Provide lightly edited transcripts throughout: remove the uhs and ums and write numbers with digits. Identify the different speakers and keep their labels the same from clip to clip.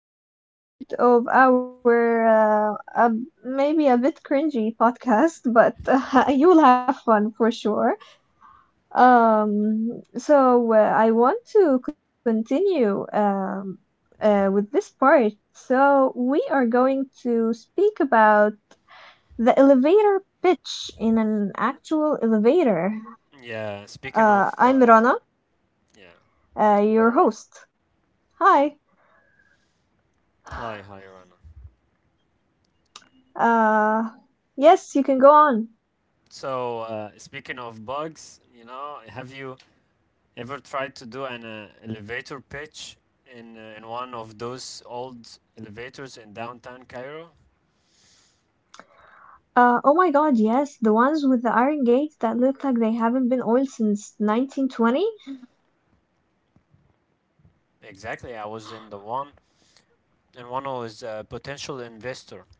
Speaker 1: to another part of our maybe a bit cringy podcast, but you will have fun for sure. I want to continue with this part. So we are going to speak about the elevator pitch in an actual elevator.
Speaker 2: Yeah, speaking of
Speaker 1: I'm Rana,
Speaker 2: yeah, hello
Speaker 1: your
Speaker 2: Rana.
Speaker 1: host. Hi.
Speaker 2: Hi, hi Rana.
Speaker 1: Uh, yes, you can go on.
Speaker 2: So speaking of bugs, you know, have you ever tried to do an elevator pitch in one of those old elevators in downtown Cairo?
Speaker 1: Oh my God, yes, the ones with the iron gates that look like they haven't been oiled since 1920.
Speaker 2: Exactly, I was in the one, and one was a potential investor.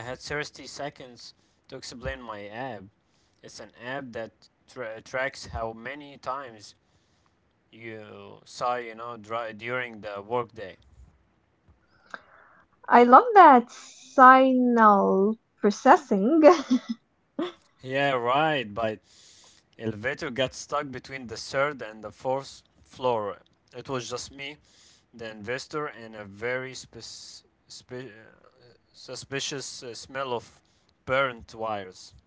Speaker 2: I had 30 seconds to explain my app. It's an app that tracks how many times you sigh, during the workday.
Speaker 1: I love that signal processing.
Speaker 2: Yeah, right. But elevator got stuck between the third and the fourth floor. It was just me, the investor, and a very suspicious smell of burnt wires.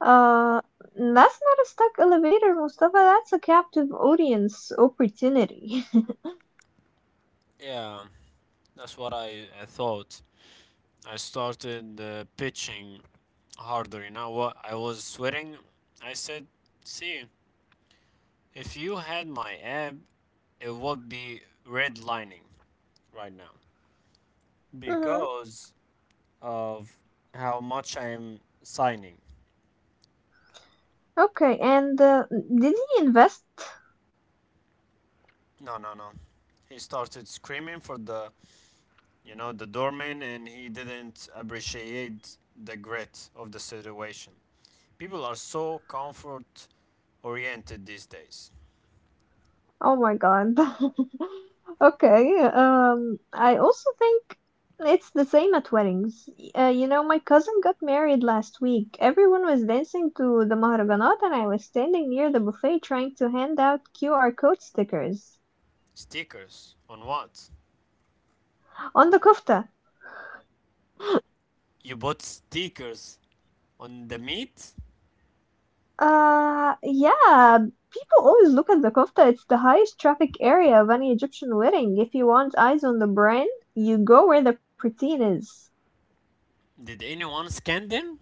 Speaker 1: Uh, that's not a stuck elevator, Mustafa. That's a captive audience opportunity.
Speaker 2: Yeah, that's what I thought. I started pitching harder. You know what? I was sweating. I said, "See, if you had my ab, it would be redlining right now."
Speaker 1: hmm.
Speaker 2: Because of how much I am signing.
Speaker 1: Okay, and did he invest?
Speaker 2: No, no, no. He started screaming for the doorman, and he didn't appreciate the grit of the situation. People are so comfort oriented these days.
Speaker 1: Oh my God. Okay, I also think it's the same at weddings. You know, my cousin got married last week. Everyone was dancing to the Maharaganat, and I was standing near the buffet trying to hand out QR code stickers
Speaker 2: Stickers on what?
Speaker 1: on the kofta.
Speaker 2: You bought stickers on the meat?
Speaker 1: Yeah, people always look at the kofta. It's the highest traffic area of any Egyptian wedding. If you want eyes on the brand, you go where the poutine is.
Speaker 2: Did anyone scan them?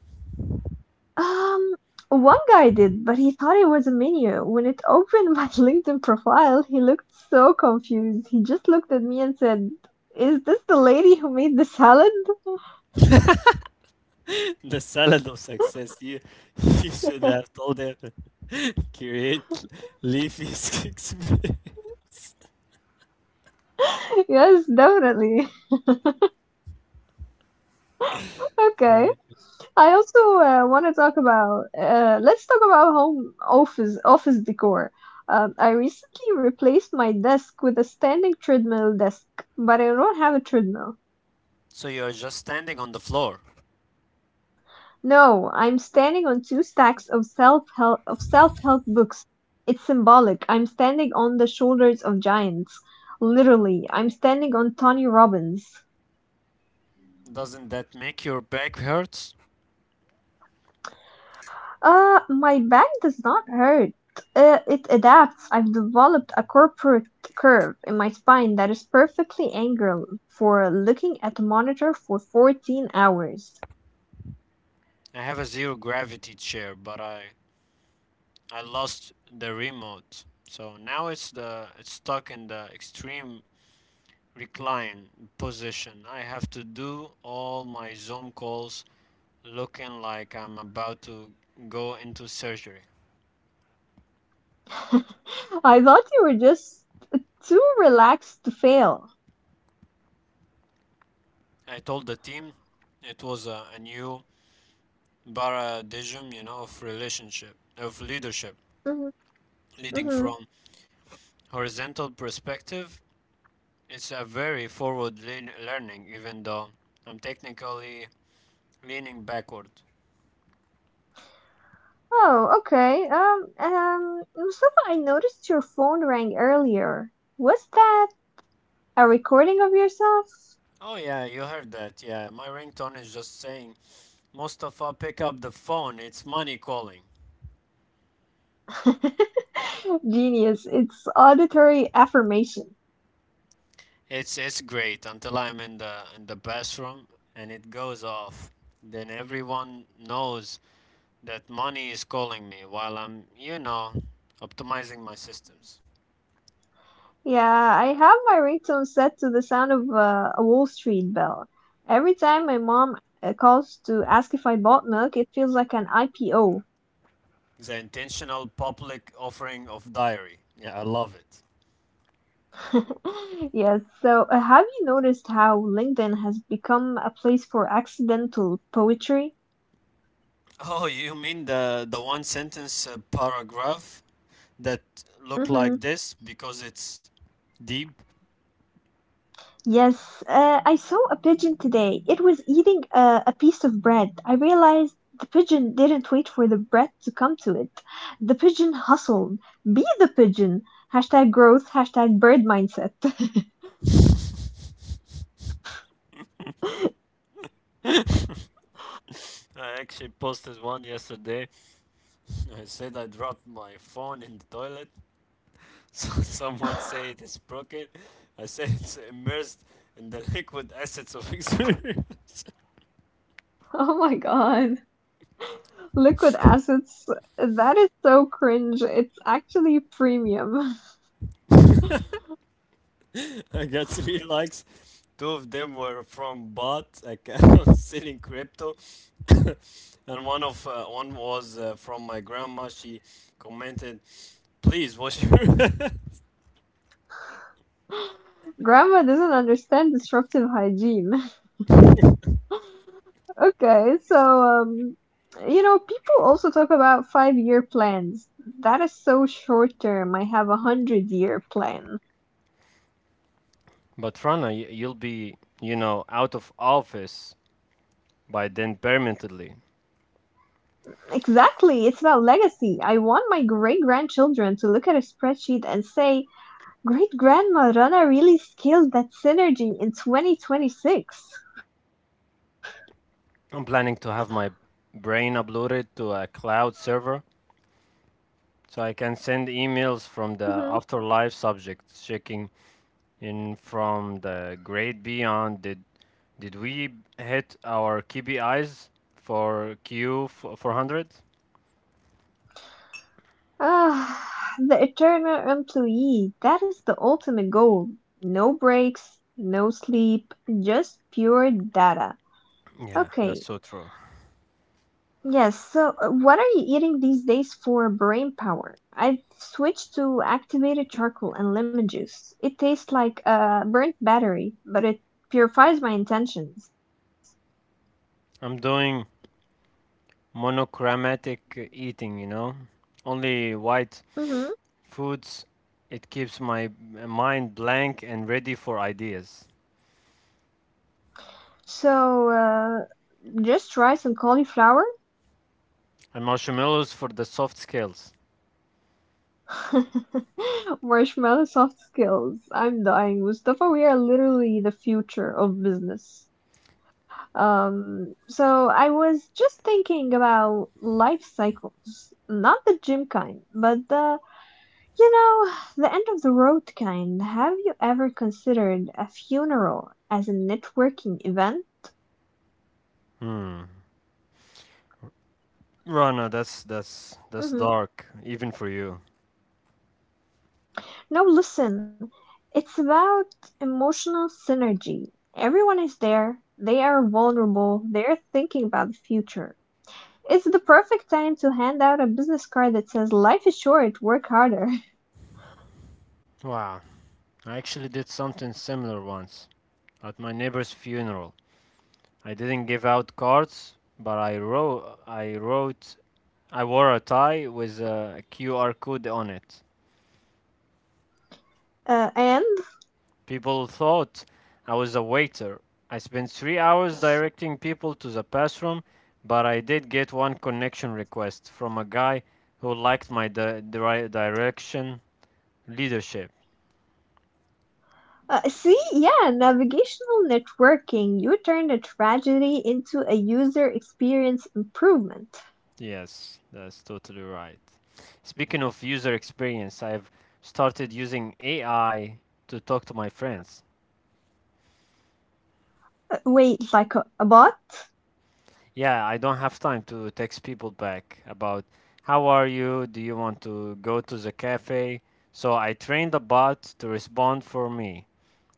Speaker 1: Um, One guy did, but he thought it was a menu. When it opened my LinkedIn profile, he looked so confused. He just looked at me and said, "Is this the lady who made the salad?"
Speaker 2: The salad of success. You, you should have told them, create leafy sticks.
Speaker 1: Yes, definitely. Okay.
Speaker 2: Okay.
Speaker 1: I also want to talk about let's talk about home office decor. I recently replaced my desk with a standing treadmill desk, but I don't have a treadmill.
Speaker 2: So you're just standing on the floor.
Speaker 1: No, I'm standing on two stacks of self-help books. It's symbolic. I'm standing on the shoulders of giants. Literally, I'm standing on Tony Robbins.
Speaker 2: Doesn't that make your back hurt?
Speaker 1: My back does not hurt. It adapts. I've developed a corporate curve in my spine that is perfectly angled for looking at the monitor for 14 hours.
Speaker 2: I have a zero gravity chair, but I lost the remote. So now it's stuck in the extreme recline position. I have to do all my Zoom calls looking like I'm about to go into surgery.
Speaker 1: I thought you were just too relaxed to fail.
Speaker 2: I told the team it was a new paradigm, you know, of relationship, of leadership,
Speaker 1: Mhm,
Speaker 2: leading
Speaker 1: mhm.
Speaker 2: from horizontal perspective. It's a very forward lean learning, even though I'm technically leaning backward.
Speaker 1: Oh, okay. Mustafa, I noticed your phone rang earlier. Was that a recording of yourself?
Speaker 2: Oh, yeah, you heard that. Yeah, my ringtone is just saying, "Mustafa, pick up the phone. It's money calling."
Speaker 1: Genius. It's auditory affirmation.
Speaker 2: It's great until I'm in the bathroom and it goes off. Then everyone knows that money is calling me while I'm, optimizing my systems.
Speaker 1: Yeah, I have my ringtone set to the sound of a Wall Street bell. Every time my mom calls to ask if I bought milk, it feels like an IPO.
Speaker 2: The intentional public offering of diary. Yeah, I love it.
Speaker 1: Yes, so have you noticed how LinkedIn has become a place for accidental poetry?
Speaker 2: Oh, you mean the one sentence paragraph that look
Speaker 1: Mm-hmm.
Speaker 2: like this because it's deep?
Speaker 1: Yes, I saw a pigeon today. It was eating a piece of bread. I realized the pigeon didn't wait for the bread to come to it. The pigeon hustled. Be the pigeon. Hashtag growth, hashtag bird mindset.
Speaker 2: I actually posted one yesterday. I said I dropped my phone in the toilet. So some would say it is broken. I say it's immersed in the liquid assets of experience.
Speaker 1: Oh my god. Liquid assets. That is so cringe. It's actually premium.
Speaker 2: I got three likes. Two of them were from bot accounts selling crypto, and one was from my grandma. She commented, "Please, what's your."
Speaker 1: Grandma doesn't understand disruptive hygiene. Okay, so you know, people also talk about five-year plans. That is so short term. I have a hundred-year plan.
Speaker 2: But Rana, you'll be, out of office by then permanently.
Speaker 1: Exactly, it's about legacy. I want my great-grandchildren to look at a spreadsheet and say, "Great-grandma Rana really scaled that synergy in 2026."
Speaker 2: I'm planning to have my brain uploaded to a cloud server so I can send emails
Speaker 1: Mm-hmm.
Speaker 2: from the afterlife subjects, checking in from the great beyond. Did we hit our KPIs for Q400?
Speaker 1: Ah, the eternal employee. That is the ultimate goal. No breaks, no sleep, just pure data.
Speaker 2: Yeah, that's
Speaker 1: Okay.
Speaker 2: so true.
Speaker 1: Yes, so what are you eating these days for brain power? I've switched to activated charcoal and lemon juice. It tastes like a burnt battery, but it purifies my intentions.
Speaker 2: I'm doing monochromatic eating, you know? Only white
Speaker 1: Mm-hmm.
Speaker 2: foods, it keeps my mind blank and ready for ideas.
Speaker 1: So, just rice and cauliflower?
Speaker 2: And marshmallows for the soft skills.
Speaker 1: Marshmallow soft skills. I'm dying, Mustafa. We are literally the future of business. So I was just thinking about life cycles, not the gym kind, but the you know, the end of the road kind. Have you ever considered a funeral as a networking event?
Speaker 2: Hmm. Rana, that's that's
Speaker 1: Mhm.
Speaker 2: that's dark, even for you.
Speaker 1: No, listen, it's about emotional synergy. Everyone is there, they are vulnerable, they're thinking about the future. It's the perfect time to hand out a business card that says, "Life is short, work harder."
Speaker 2: Wow. I actually did something similar once at my neighbor's funeral. I didn't give out cards, but I wore a tie with a QR code on it.
Speaker 1: And
Speaker 2: People thought I was a waiter. I spent 3 hours directing people to the bathroom, but I did get one connection request from a guy who liked my direction leadership.
Speaker 1: see, yeah, navigational networking. You turn a tragedy into a user experience improvement.
Speaker 2: Yes, that's totally right. Speaking of user experience, I've started using AI to talk to my friends.
Speaker 1: Wait, like a bot?
Speaker 2: Yeah, I don't have time to text people back about how are you? Do you want to go to the cafe? So I trained the bot to respond for me.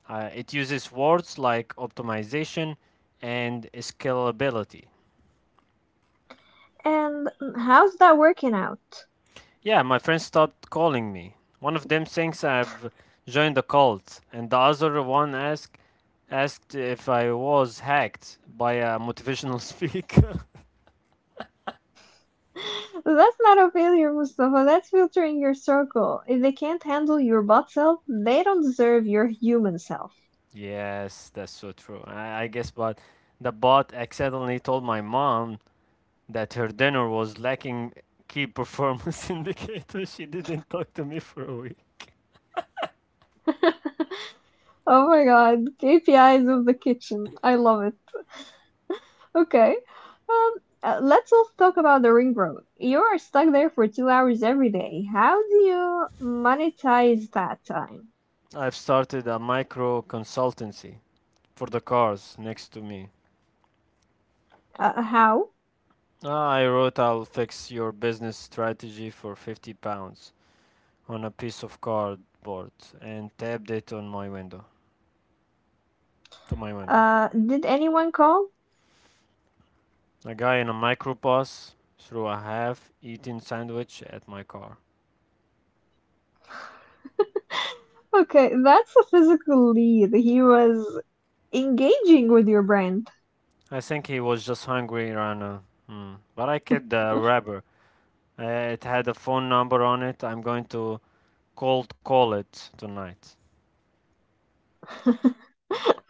Speaker 2: It uses words like optimization and scalability.
Speaker 1: And how's that working out?
Speaker 2: Yeah, my friends stopped calling me. One of them thinks I've joined a cult, and the other one asked if I was hacked by a motivational speaker.
Speaker 1: That's not a failure, Mustafa. That's filtering your circle. If they can't handle your bot self, they don't deserve your human self.
Speaker 2: Yes, that's so true. I guess, but the bot accidentally told my mom that her dinner was lacking key performance indicators. She didn't talk to me for a week.
Speaker 1: Oh my god, KPIs of the kitchen. I love it. Okay. Um, let's also talk about the ring road. You are stuck there for 2 hours every day. How do you monetize that time?
Speaker 2: I've started a micro consultancy for the cars next to me.
Speaker 1: How?
Speaker 2: Ah, I wrote, "I'll fix your business strategy for 50 pounds" on a piece of cardboard and tabbed it on my window. To my window.
Speaker 1: Did anyone call?
Speaker 2: A guy in a microbus threw a half eaten sandwich at my car.
Speaker 1: Okay, that's a physical lead. He was engaging with your brand.
Speaker 2: I think he was just hungry right now. Hmm. But I killed the rapper. It had a phone number on it. I'm going to cold call it tonight.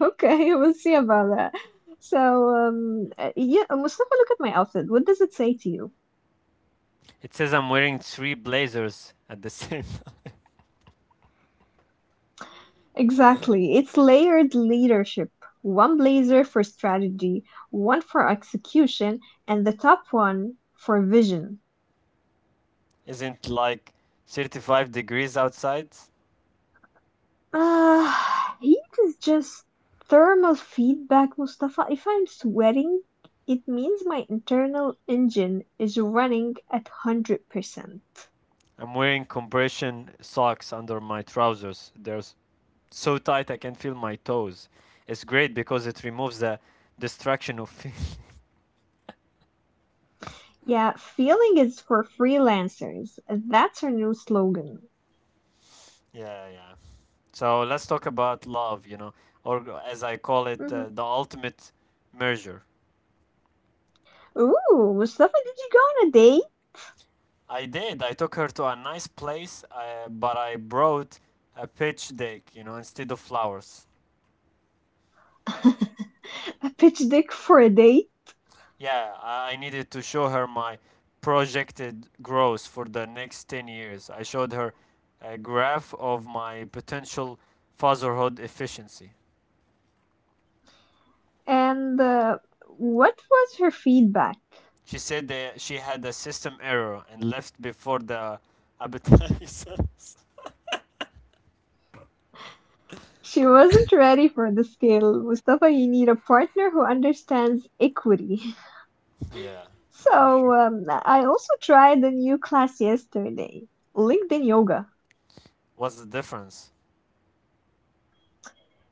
Speaker 1: Okay, we'll see about that. So, yeah, Mustafa, look at my outfit. What does it say to you?
Speaker 2: It says I'm wearing three blazers at the same time.
Speaker 1: Exactly. It's layered leadership. One blazer for strategy, one for execution, and the top one for vision.
Speaker 2: Isn't like 35 degrees outside?
Speaker 1: Uh, Heat is just thermal feedback, Mustafa. If I'm sweating, it means my internal engine is running at 100%.
Speaker 2: I'm wearing compression socks under my trousers. They're so tight I can feel my toes. It's great because it removes the distraction of.
Speaker 1: Yeah, feeling is for freelancers. That's our new slogan.
Speaker 2: Yeah, yeah. So let's talk about love, or as I call it,
Speaker 1: Mhm.
Speaker 2: the ultimate merger.
Speaker 1: Ooh, Mustafa, did you go on a
Speaker 2: I did. I took her to a nice place, but I brought a pitch deck, instead of flowers.
Speaker 1: date? A pitch dick for a date?
Speaker 2: Yeah, I needed to show her my projected growth for the next 10 years. I showed her a graph of my potential fatherhood efficiency.
Speaker 1: And what was her feedback?
Speaker 2: She said that she had a system error and left before the appetizers.
Speaker 1: She wasn't ready for the scale. Mustafa, you need a partner who understands equity.
Speaker 2: Yeah, for sure.
Speaker 1: So, I also tried a new class yesterday, LinkedIn Yoga.
Speaker 2: What's the difference?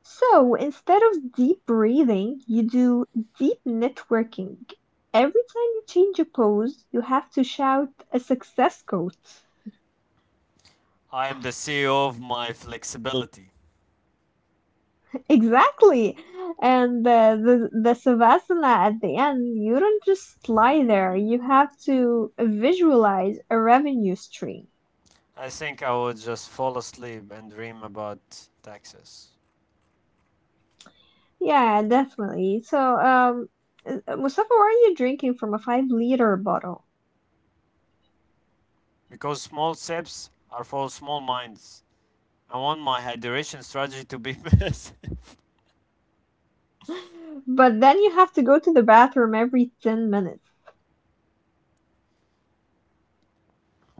Speaker 1: So, instead of deep breathing, you do deep networking. Every time you change a pose, you have to shout a success quote.
Speaker 2: I am the CEO of my flexibility.
Speaker 1: Exactly. And the Savasana at the end, you don't just lie there, you have to visualize a revenue stream.
Speaker 2: I think I would just fall asleep and dream about taxes.
Speaker 1: Yeah, definitely. So, Mustafa, why are you drinking from a 5 liter bottle?
Speaker 2: Because small steps are for small minds. I want my hydration strategy to be best.
Speaker 1: But then you have to go to the bathroom every 10 minutes.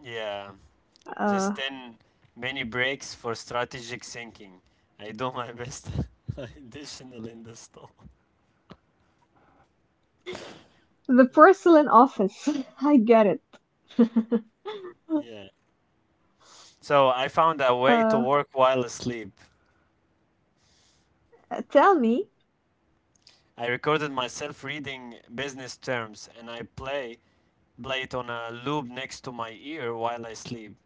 Speaker 2: Yeah,
Speaker 1: Uh,
Speaker 2: just 10 mini breaks for strategic thinking. I do my best additional in the store.
Speaker 1: the porcelain office. I get it.
Speaker 2: Yeah. So I found a way to
Speaker 1: Uh,
Speaker 2: work while asleep.
Speaker 1: Tell me,
Speaker 2: I recorded myself reading business terms and I play Blade on a loop next to my ear while I sleep.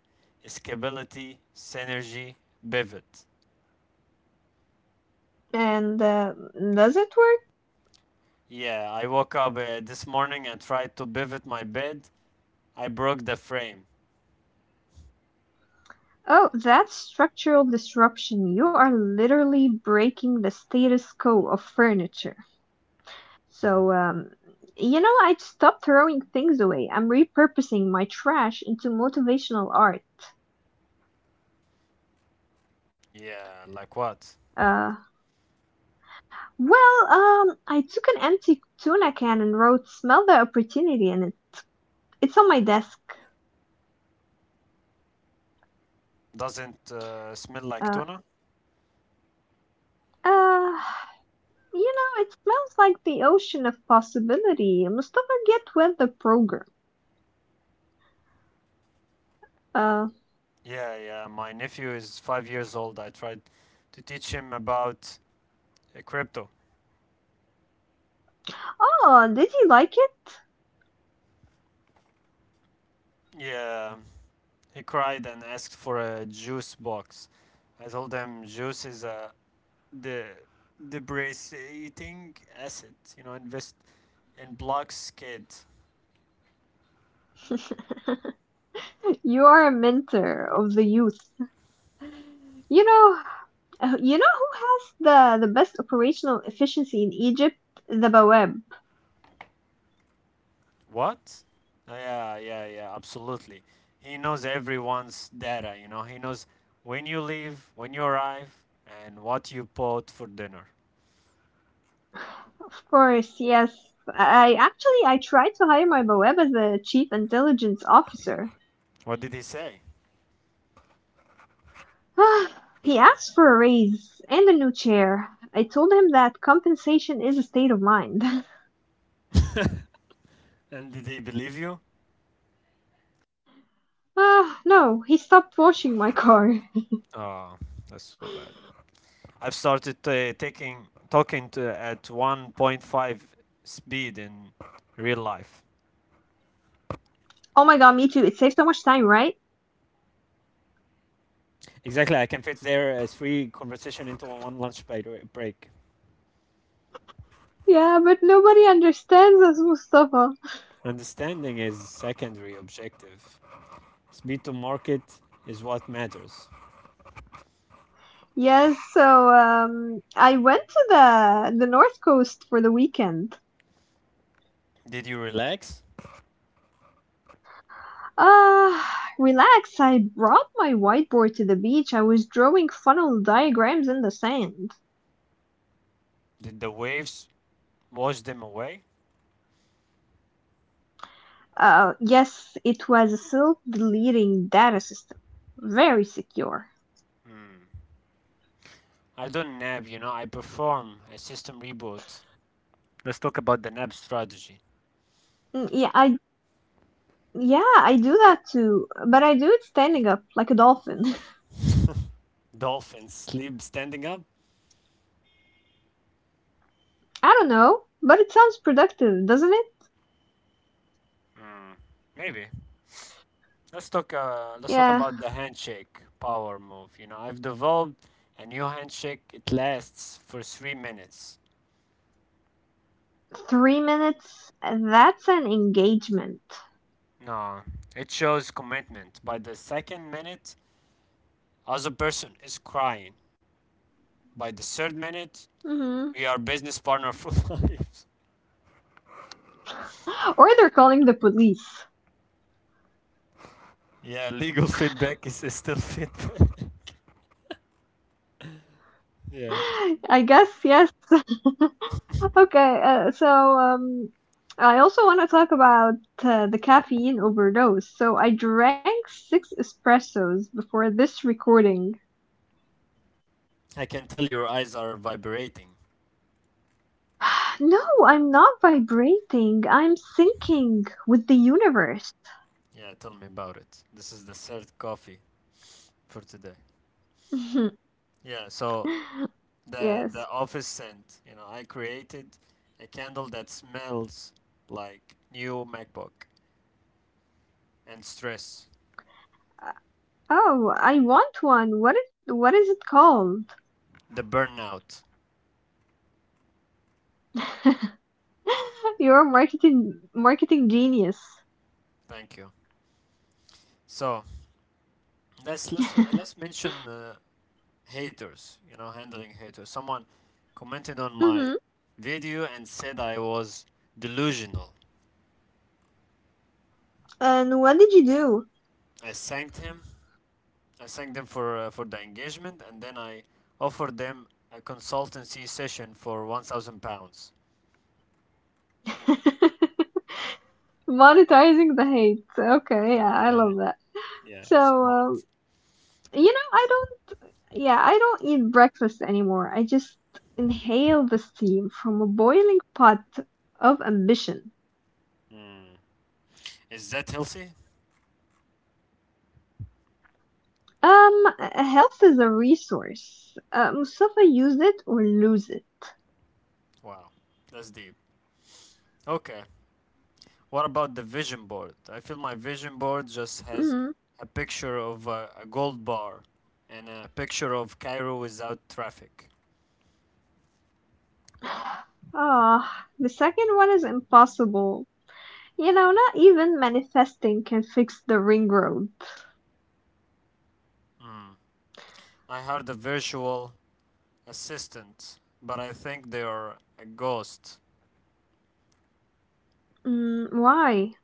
Speaker 2: Escapability, synergy, pivot.
Speaker 1: and does it work?
Speaker 2: Yeah, I woke up this morning and tried to pivot my bed. I broke the frame.
Speaker 1: Oh, that's structural disruption. You are literally breaking the status quo of furniture. So, you know, I'd stop throwing things away. I'm repurposing my trash into motivational art.
Speaker 2: Yeah, like what?
Speaker 1: Uh, I took an empty tuna can and wrote "Smell the opportunity" in it. It's on my desk.
Speaker 2: Doesn't smell like
Speaker 1: Uh,
Speaker 2: tuna?
Speaker 1: uh, you know, it smells like the ocean of possibility. Mustafa, get with the program. Uh,
Speaker 2: Yeah, yeah. My nephew is 5 years old. I tried to teach him about crypto.
Speaker 1: oh, did you like
Speaker 2: Yeah, he cried and asked for a juice box. I told him juice is a the depreciating asset. You know, invest in block skid.
Speaker 1: it? You are a mentor of the youth. You know, you know who has the best operational efficiency in Egypt? The Bawab.
Speaker 2: What? Yeah, yeah, yeah, absolutely. He knows everyone's data. He knows when you leave, when you arrive, and what you bought for dinner.
Speaker 1: Of course, yes. I actually I tried to hire my Bawab as a chief intelligence officer.
Speaker 2: What did he say?
Speaker 1: He asked for a raise and a new chair. I told him that compensation is a state of mind.
Speaker 2: And did he believe you?
Speaker 1: Ah, no, he stopped washing my car.
Speaker 2: Oh, that's so bad. I've started taking talking to at 1.5 speed in real life.
Speaker 1: Oh my god, me too. It saves so much time, right?
Speaker 2: Exactly, I can fit their three conversation into one lunch break.
Speaker 1: Yeah, but nobody understands us, Mustafa.
Speaker 2: Understanding is secondary objective. Speed to market is what matters.
Speaker 1: Yes, so I went to the North Coast for the weekend.
Speaker 2: Did you relax?
Speaker 1: Ah, relax. I brought my whiteboard to the beach. I was drawing funnel diagrams in the sand.
Speaker 2: Did the waves wash them away?
Speaker 1: Yes, it was a self-deleting data system. Very secure.
Speaker 2: I don't nab, I perform a system reboot. Let's talk about the nab strategy.
Speaker 1: Mm. Yeah, I do that too, but I do it standing up like a dolphin.
Speaker 2: Dolphins sleep standing up?
Speaker 1: I don't know, but it sounds productive, doesn't it?
Speaker 2: Hmm, maybe. Let's talk about
Speaker 1: Yeah,
Speaker 2: the handshake power move. You know, I've developed a new handshake. It lasts for 3 minutes.
Speaker 1: 3 minutes. That's an engagement.
Speaker 2: No, it shows commitment. By the second minute, other person is crying. By the third minute,
Speaker 1: Hmm.
Speaker 2: we are business partner for life.
Speaker 1: Or they're calling the police.
Speaker 2: Yeah, legal feedback is still feedback. Yeah,
Speaker 1: I guess, yes. Okay, so I also want to talk about the caffeine overdose. So I drank six espressos before this recording.
Speaker 2: I can tell your eyes are vibrating.
Speaker 1: No, I'm not vibrating. I'm syncing with the universe.
Speaker 2: Yeah, tell me about it. This is the third coffee for today. Yeah, so the
Speaker 1: Yes.
Speaker 2: the office scent. You know, I created a candle that smells like new MacBook and stress.
Speaker 1: Uh, Oh, I want one. What is it called?
Speaker 2: The burnout.
Speaker 1: You're a marketing genius.
Speaker 2: Thank you. So, let's mention haters. You know, handling haters. Someone
Speaker 1: Hmm.
Speaker 2: commented on my video and said I was delusional.
Speaker 1: And what did you do?
Speaker 2: I thanked him. I thanked them for the engagement, and then I offered them a consultancy session for 1,000 pounds.
Speaker 1: Monetizing the hate. Okay, yeah, I
Speaker 2: Yeah,
Speaker 1: love that. So,
Speaker 2: yeah, smart.
Speaker 1: you know, I don't, yeah, I don't eat breakfast anymore. I just inhale the steam from a boiling pot of ambition.
Speaker 2: Mm. Is that healthy?
Speaker 1: Health is a resource. Mustafa, use it or lose it.
Speaker 2: Wow, that's deep. Okay. What about the vision board? I feel my vision board just has
Speaker 1: Mm.
Speaker 2: a picture of a gold bar and a picture of Cairo without traffic.
Speaker 1: Ah, the second one is impossible. You know, not even manifesting can fix the ring road.
Speaker 2: I hired a virtual assistant, but I think they are a ghost.
Speaker 1: Mm, why?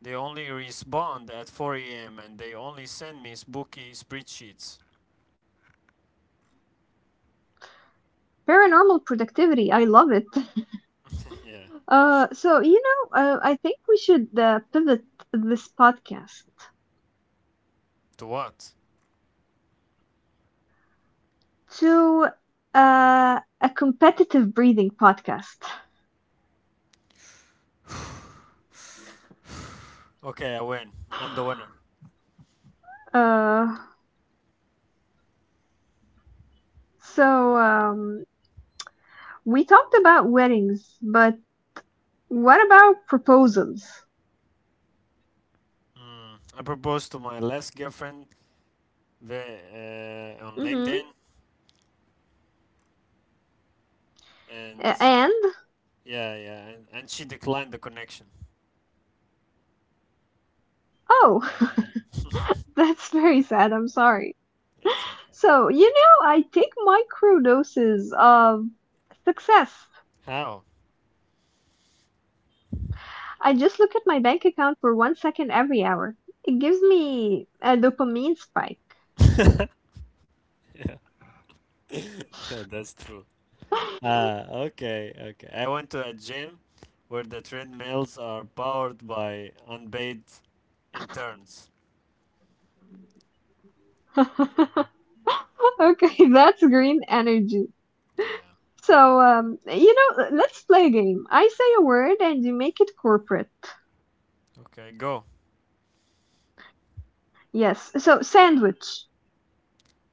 Speaker 2: They only respond at 4 a.m. and they only send me spooky spreadsheets.
Speaker 1: Paranormal productivity, I love it.
Speaker 2: Yeah.
Speaker 1: I think we should pivot this podcast
Speaker 2: To what?
Speaker 1: to a competitive breathing podcast.
Speaker 2: Okay, I win. I'm the winner.
Speaker 1: Uh, so, um, we talked about weddings, but what about proposals?
Speaker 2: Mm. I proposed to my last girlfriend ve- on
Speaker 1: Mm-hmm.
Speaker 2: LinkedIn, and
Speaker 1: And,
Speaker 2: yeah, yeah, and she declined the connection.
Speaker 1: oh,
Speaker 2: It's
Speaker 1: that's very sad. I'm sorry.
Speaker 2: okay.
Speaker 1: So, you know, I take microdoses of success.
Speaker 2: How?
Speaker 1: I just look at my bank account for one second every hour. It gives me a dopamine spike.
Speaker 2: Yeah. Yeah, that's true. Ah, okay, okay. I went to a gym where the treadmills are powered by unpaid interns.
Speaker 1: Okay, that's green energy.
Speaker 2: Yeah.
Speaker 1: So, you know, let's play a game. I say a word and you make it corporate.
Speaker 2: Okay, go.
Speaker 1: Yes. So, sandwich,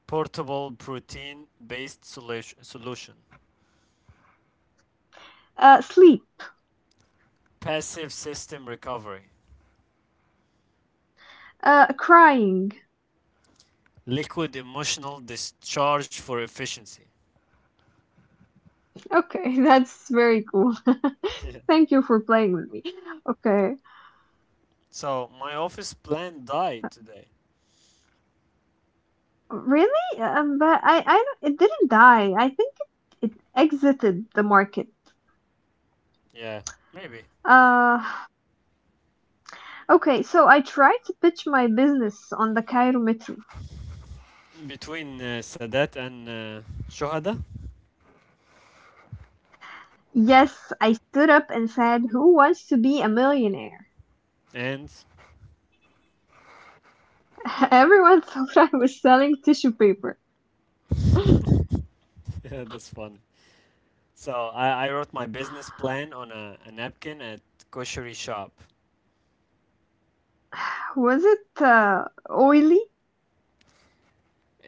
Speaker 2: Portable protein based solution.
Speaker 1: sleep,
Speaker 2: Passive system recovery.
Speaker 1: crying.
Speaker 2: Liquid emotional discharge for efficiency.
Speaker 1: Okay, that's very cool. Thank you for playing with me. Okay.
Speaker 2: So, my office plan died today.
Speaker 1: Really? But it didn't die. I think it exited the market.
Speaker 2: Yeah, maybe
Speaker 1: Uh, okay, so I tried to pitch my business on the Cairo Metro.
Speaker 2: between Sadat and Shohada,
Speaker 1: Yes, I stood up and said, "Who wants to be a millionaire?"
Speaker 2: and
Speaker 1: Everyone thought I was selling tissue paper.
Speaker 2: yeah, that's funny. So I wrote my business plan on a napkin at koshery shop.
Speaker 1: Was it oily?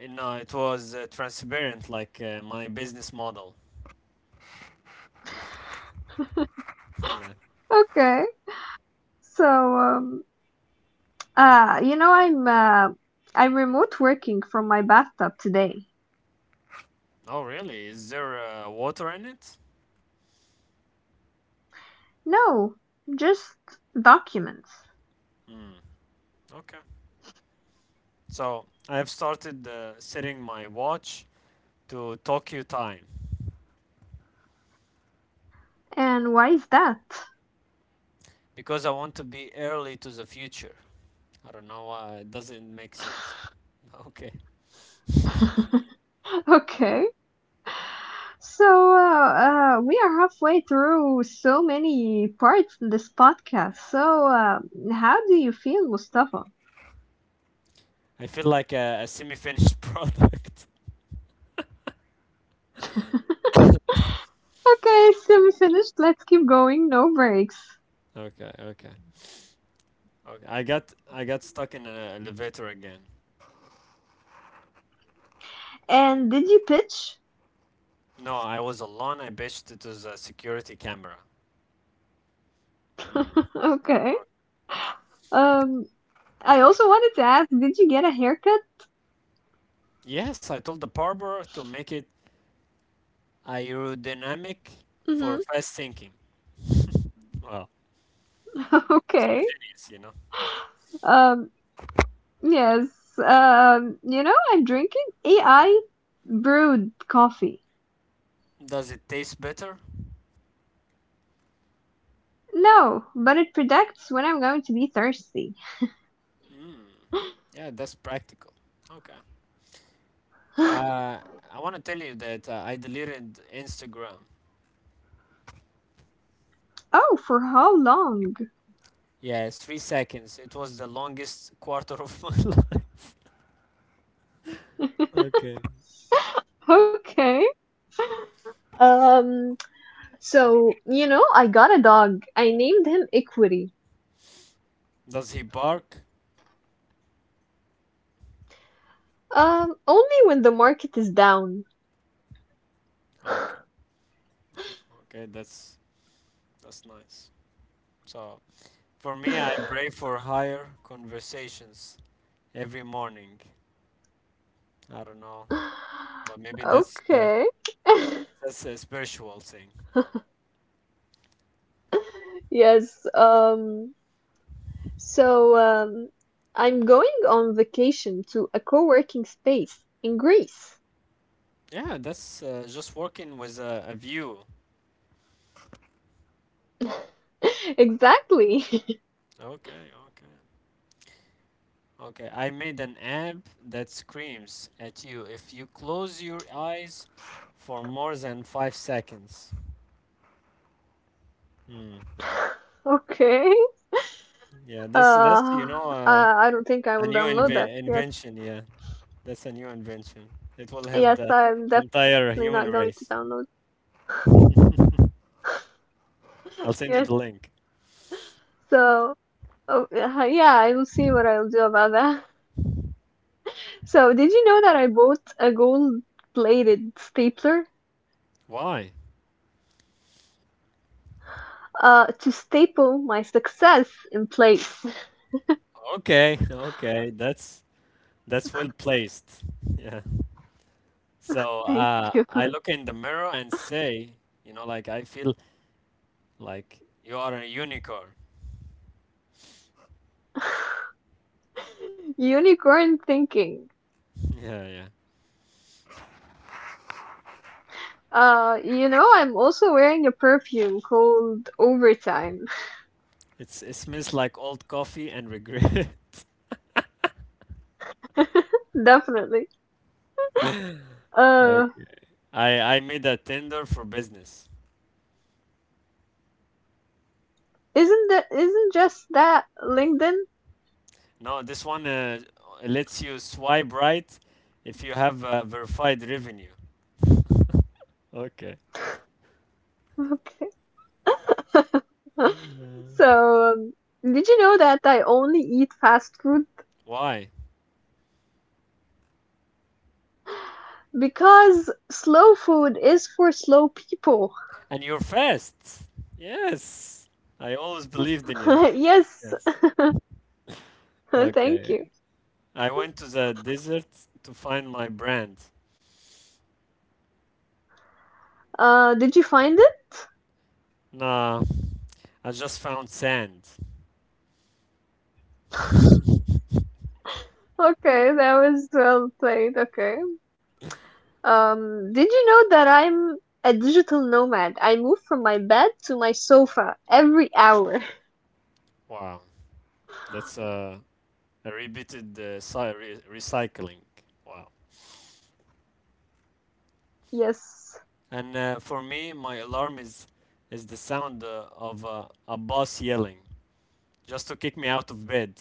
Speaker 2: You know, it was transparent, like my business model. Yeah.
Speaker 1: Okay, so, uh, you know, I'm, uh, I'm remote working from my bathtub today.
Speaker 2: Oh, really? Is there water in it?
Speaker 1: No, just documents.
Speaker 2: Okay. So I have started setting my watch to Tokyo time
Speaker 1: And why is that?
Speaker 2: because I want to be early to the future. I don't know why it doesn't make sense. Okay.
Speaker 1: Okay. So, we are halfway through so many parts in this podcast. So, how do you feel, Mustafa?
Speaker 2: I feel like a semi-finished product.
Speaker 1: Okay, so we finished. Let's keep going. No breaks.
Speaker 2: okay, okay, okay. I got stuck in an elevator again.
Speaker 1: And did you pitch?
Speaker 2: No, I was alone. I bitched it was a security camera. Mm.
Speaker 1: Okay.
Speaker 2: Oh.
Speaker 1: Um, I also wanted to ask, did you get a haircut?
Speaker 2: Yes, I told the barber to make it aerodynamic for
Speaker 1: Mm-hmm.
Speaker 2: fast thinking. Well, because
Speaker 1: Okay.
Speaker 2: I'm a genius, you know.
Speaker 1: Um, yes. You know, I'm drinking AI brewed coffee.
Speaker 2: Does it taste better?
Speaker 1: No, but it predicts when I'm going to be thirsty.
Speaker 2: Mm. Yeah, that's practical. Okay. Uh, I want to tell you that I deleted Instagram.
Speaker 1: Oh, for how long?
Speaker 2: Yeah, 3 seconds. It was the longest quarter of my life. Okay.
Speaker 1: Okay. Um, so, you know, I got a dog. I named him Equity.
Speaker 2: Does he bark?
Speaker 1: Only when the market is down.
Speaker 2: Okay, okay, that's nice. So for me, I pray for higher conversations every morning. I don't know, but maybe
Speaker 1: Okay.
Speaker 2: that's a spiritual thing.
Speaker 1: Yes, so, um, I'm going on vacation to a co-working space in Greece.
Speaker 2: Yeah, that's just working with a view.
Speaker 1: Exactly.
Speaker 2: Okay, okay, okay. I made an app that screams at you if you close your eyes for more than 5 seconds. Hmm.
Speaker 1: Okay.
Speaker 2: Yeah, that's
Speaker 1: Uh,
Speaker 2: that's
Speaker 1: uh,
Speaker 2: you know.
Speaker 1: I don't think I will
Speaker 2: A
Speaker 1: download
Speaker 2: new
Speaker 1: that. Yes.
Speaker 2: invention, yeah. That's a new invention. It will
Speaker 1: Yes,
Speaker 2: help the
Speaker 1: I'm definitely not
Speaker 2: entire
Speaker 1: going to
Speaker 2: human
Speaker 1: download.
Speaker 2: race. I'll
Speaker 1: Yes.
Speaker 2: send you the link.
Speaker 1: So, oh, yeah, I will see what I'll do about that. So, did you know that I bought a gold-plated stapler
Speaker 2: Why?
Speaker 1: to staple my success in place?
Speaker 2: Okay, that's well placed. Yeah. So
Speaker 1: Thank you.
Speaker 2: I look in the mirror and say, you know, like I feel like you are a unicorn.
Speaker 1: Unicorn thinking.
Speaker 2: Yeah.
Speaker 1: You know, I'm also wearing a perfume called Overtime.
Speaker 2: It's it smells like old coffee and regret.
Speaker 1: Definitely.
Speaker 2: Okay.
Speaker 1: Uh,
Speaker 2: I made a tender for business.
Speaker 1: isn't that isn't just that LinkedIn?
Speaker 2: No, this one lets you swipe right if you have verified revenue. Okay.
Speaker 1: Okay.
Speaker 2: Uh,
Speaker 1: So, did you know that I only eat fast food?
Speaker 2: Why?
Speaker 1: Because slow food is for slow people.
Speaker 2: And you're fast. Yes. I always believed in you.
Speaker 1: Yes,
Speaker 2: Yes.
Speaker 1: thank
Speaker 2: Okay.
Speaker 1: you.
Speaker 2: I went to the desert to find my brand.
Speaker 1: Did you find it?
Speaker 2: Nah, I just found sand.
Speaker 1: Okay, that was well played. Okay. Did you know that I'm a digital nomad? I move from my bed to my sofa every hour.
Speaker 2: Wow. That's a repeated recycling. Wow.
Speaker 1: Yes.
Speaker 2: And for me, my alarm is the sound of a boss yelling, just to kick me out of bed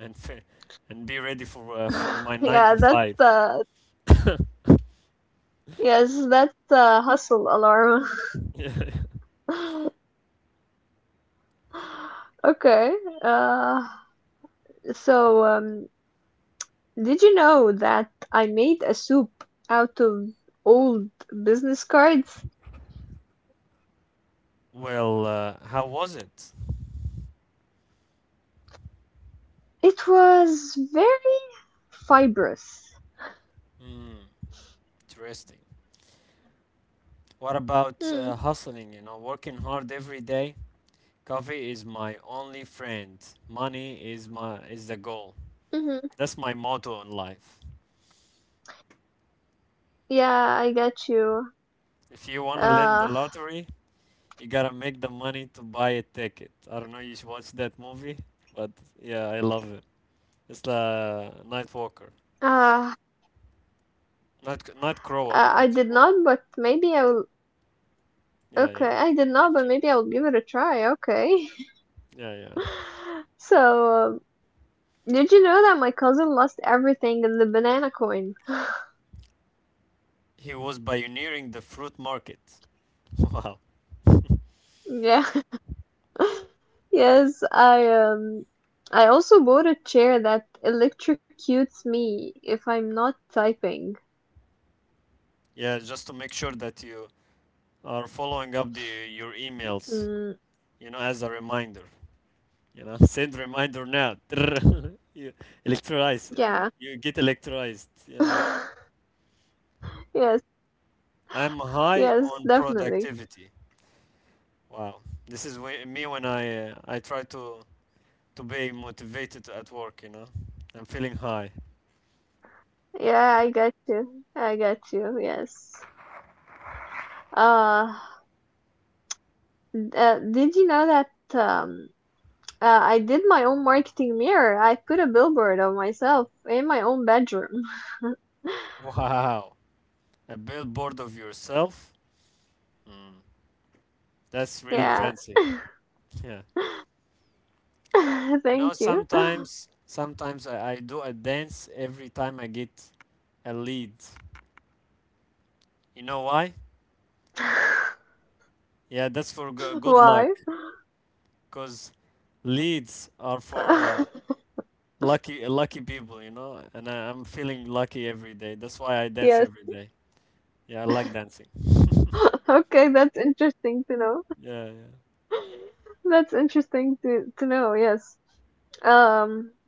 Speaker 2: and fi- and be ready for my nine
Speaker 1: Yeah,
Speaker 2: to
Speaker 1: that's
Speaker 2: five.
Speaker 1: Yes, that's the hustle alarm.
Speaker 2: Yeah.
Speaker 1: Okay. Uh. So, did you know that I made a soup out of old business cards?
Speaker 2: Well, how was it?
Speaker 1: It was very fibrous.
Speaker 2: Hmm, interesting. What about
Speaker 1: Hmm.
Speaker 2: hustling? You know, working hard every day. Coffee is my only friend. Money is my is the goal.
Speaker 1: Mm-hmm.
Speaker 2: That's my motto in life.
Speaker 1: Yeah, I get you.
Speaker 2: If you wanna win the
Speaker 1: Uh,
Speaker 2: lottery, you gotta make the money to buy a ticket. I don't know. You should watch that movie, but yeah, I love it. It's the Night Walker.
Speaker 1: uh, uh,
Speaker 2: Nightcrawler,
Speaker 1: I did
Speaker 2: Nightcrawler.
Speaker 1: not, but maybe I'll.
Speaker 2: Yeah,
Speaker 1: Okay,
Speaker 2: yeah, you,
Speaker 1: I did
Speaker 2: you
Speaker 1: not, but
Speaker 2: should.
Speaker 1: maybe I'll give it a try. Okay.
Speaker 2: Yeah, yeah.
Speaker 1: So, did you know that my cousin lost everything in the banana coin?
Speaker 2: He was pioneering the fruit market. Wow.
Speaker 1: Yeah. Yes, I um I also bought a chair that electrocutes me if I'm not typing.
Speaker 2: Yeah, just to make sure that you are following
Speaker 1: Mm,
Speaker 2: up the your emails, you know, as a reminder. You know, send reminder now. you
Speaker 1: yeah.
Speaker 2: electrolyze. You get electrolyzed. Yeah.
Speaker 1: Yes,
Speaker 2: I'm high
Speaker 1: yes,
Speaker 2: on
Speaker 1: definitely.
Speaker 2: productivity. Wow. This is me when I try to be motivated at work, you know. I'm feeling high.
Speaker 1: Yeah, I got you. I got you. Yes. Uh, did you know that um I did my own marketing mirror. I put a billboard of myself in my own bedroom.
Speaker 2: Wow. A billboard of yourself. Mm. That's really
Speaker 1: Yeah.
Speaker 2: fancy. Yeah. You know,
Speaker 1: Thank you.
Speaker 2: sometimes I do a dance every time I get a lead. You know why? Yeah, that's for good luck.
Speaker 1: Why?
Speaker 2: Cause leads are for lucky people. You know, and I'm feeling lucky every day. That's why I dance
Speaker 1: Yes.
Speaker 2: every day. Yeah, I like dancing.
Speaker 1: Okay, that's interesting to know.
Speaker 2: Yeah, yeah.
Speaker 1: That's interesting to know, yes. Um,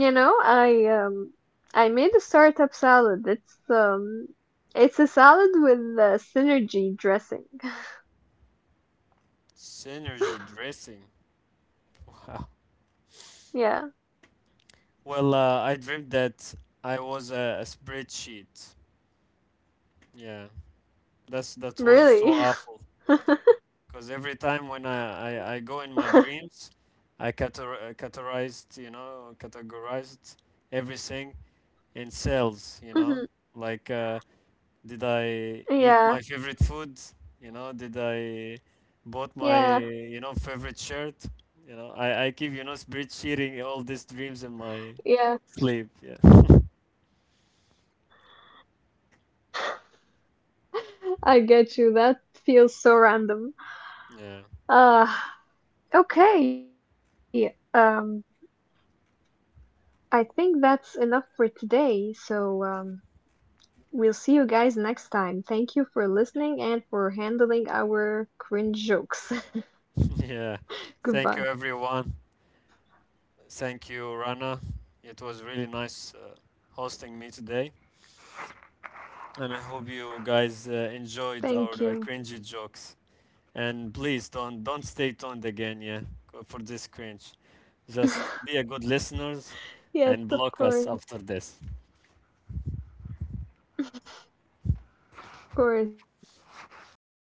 Speaker 1: you know, I um I made a startup salad. It's a salad with synergy dressing.
Speaker 2: Synergy dressing. Wow.
Speaker 1: Yeah,
Speaker 2: Well, I dreamt that I was a spreadsheet. Yeah. That's that was so
Speaker 1: really.
Speaker 2: awful because every time when I go in my dreams, I categorized, you know, categorized everything in cells, you know,
Speaker 1: Mhm.
Speaker 2: like did I eat my
Speaker 1: Yeah,
Speaker 2: favorite food, you know, did I bought my, you know,
Speaker 1: yeah,
Speaker 2: favorite shirt, you know, I keep, you know, spreadsheeting all these dreams in my
Speaker 1: yeah.
Speaker 2: sleep, yeah.
Speaker 1: I get you. That feels so random.
Speaker 2: Yeah.
Speaker 1: Uh, okay. Um, I think that's enough for today. So, we'll see you guys next time. Thank you for listening and for handling our cringe jokes.
Speaker 2: Yeah, thank you
Speaker 1: Goodbye.
Speaker 2: everyone. Thank you, Rana. It was really nice hosting me today. And I hope you guys enjoyed our cringy
Speaker 1: Thank you.
Speaker 2: jokes. And please don't stay tuned again, yeah, for this cringe. Just be a good listeners and block us
Speaker 1: Yes,
Speaker 2: after
Speaker 1: of
Speaker 2: this.
Speaker 1: course. Of course. Thank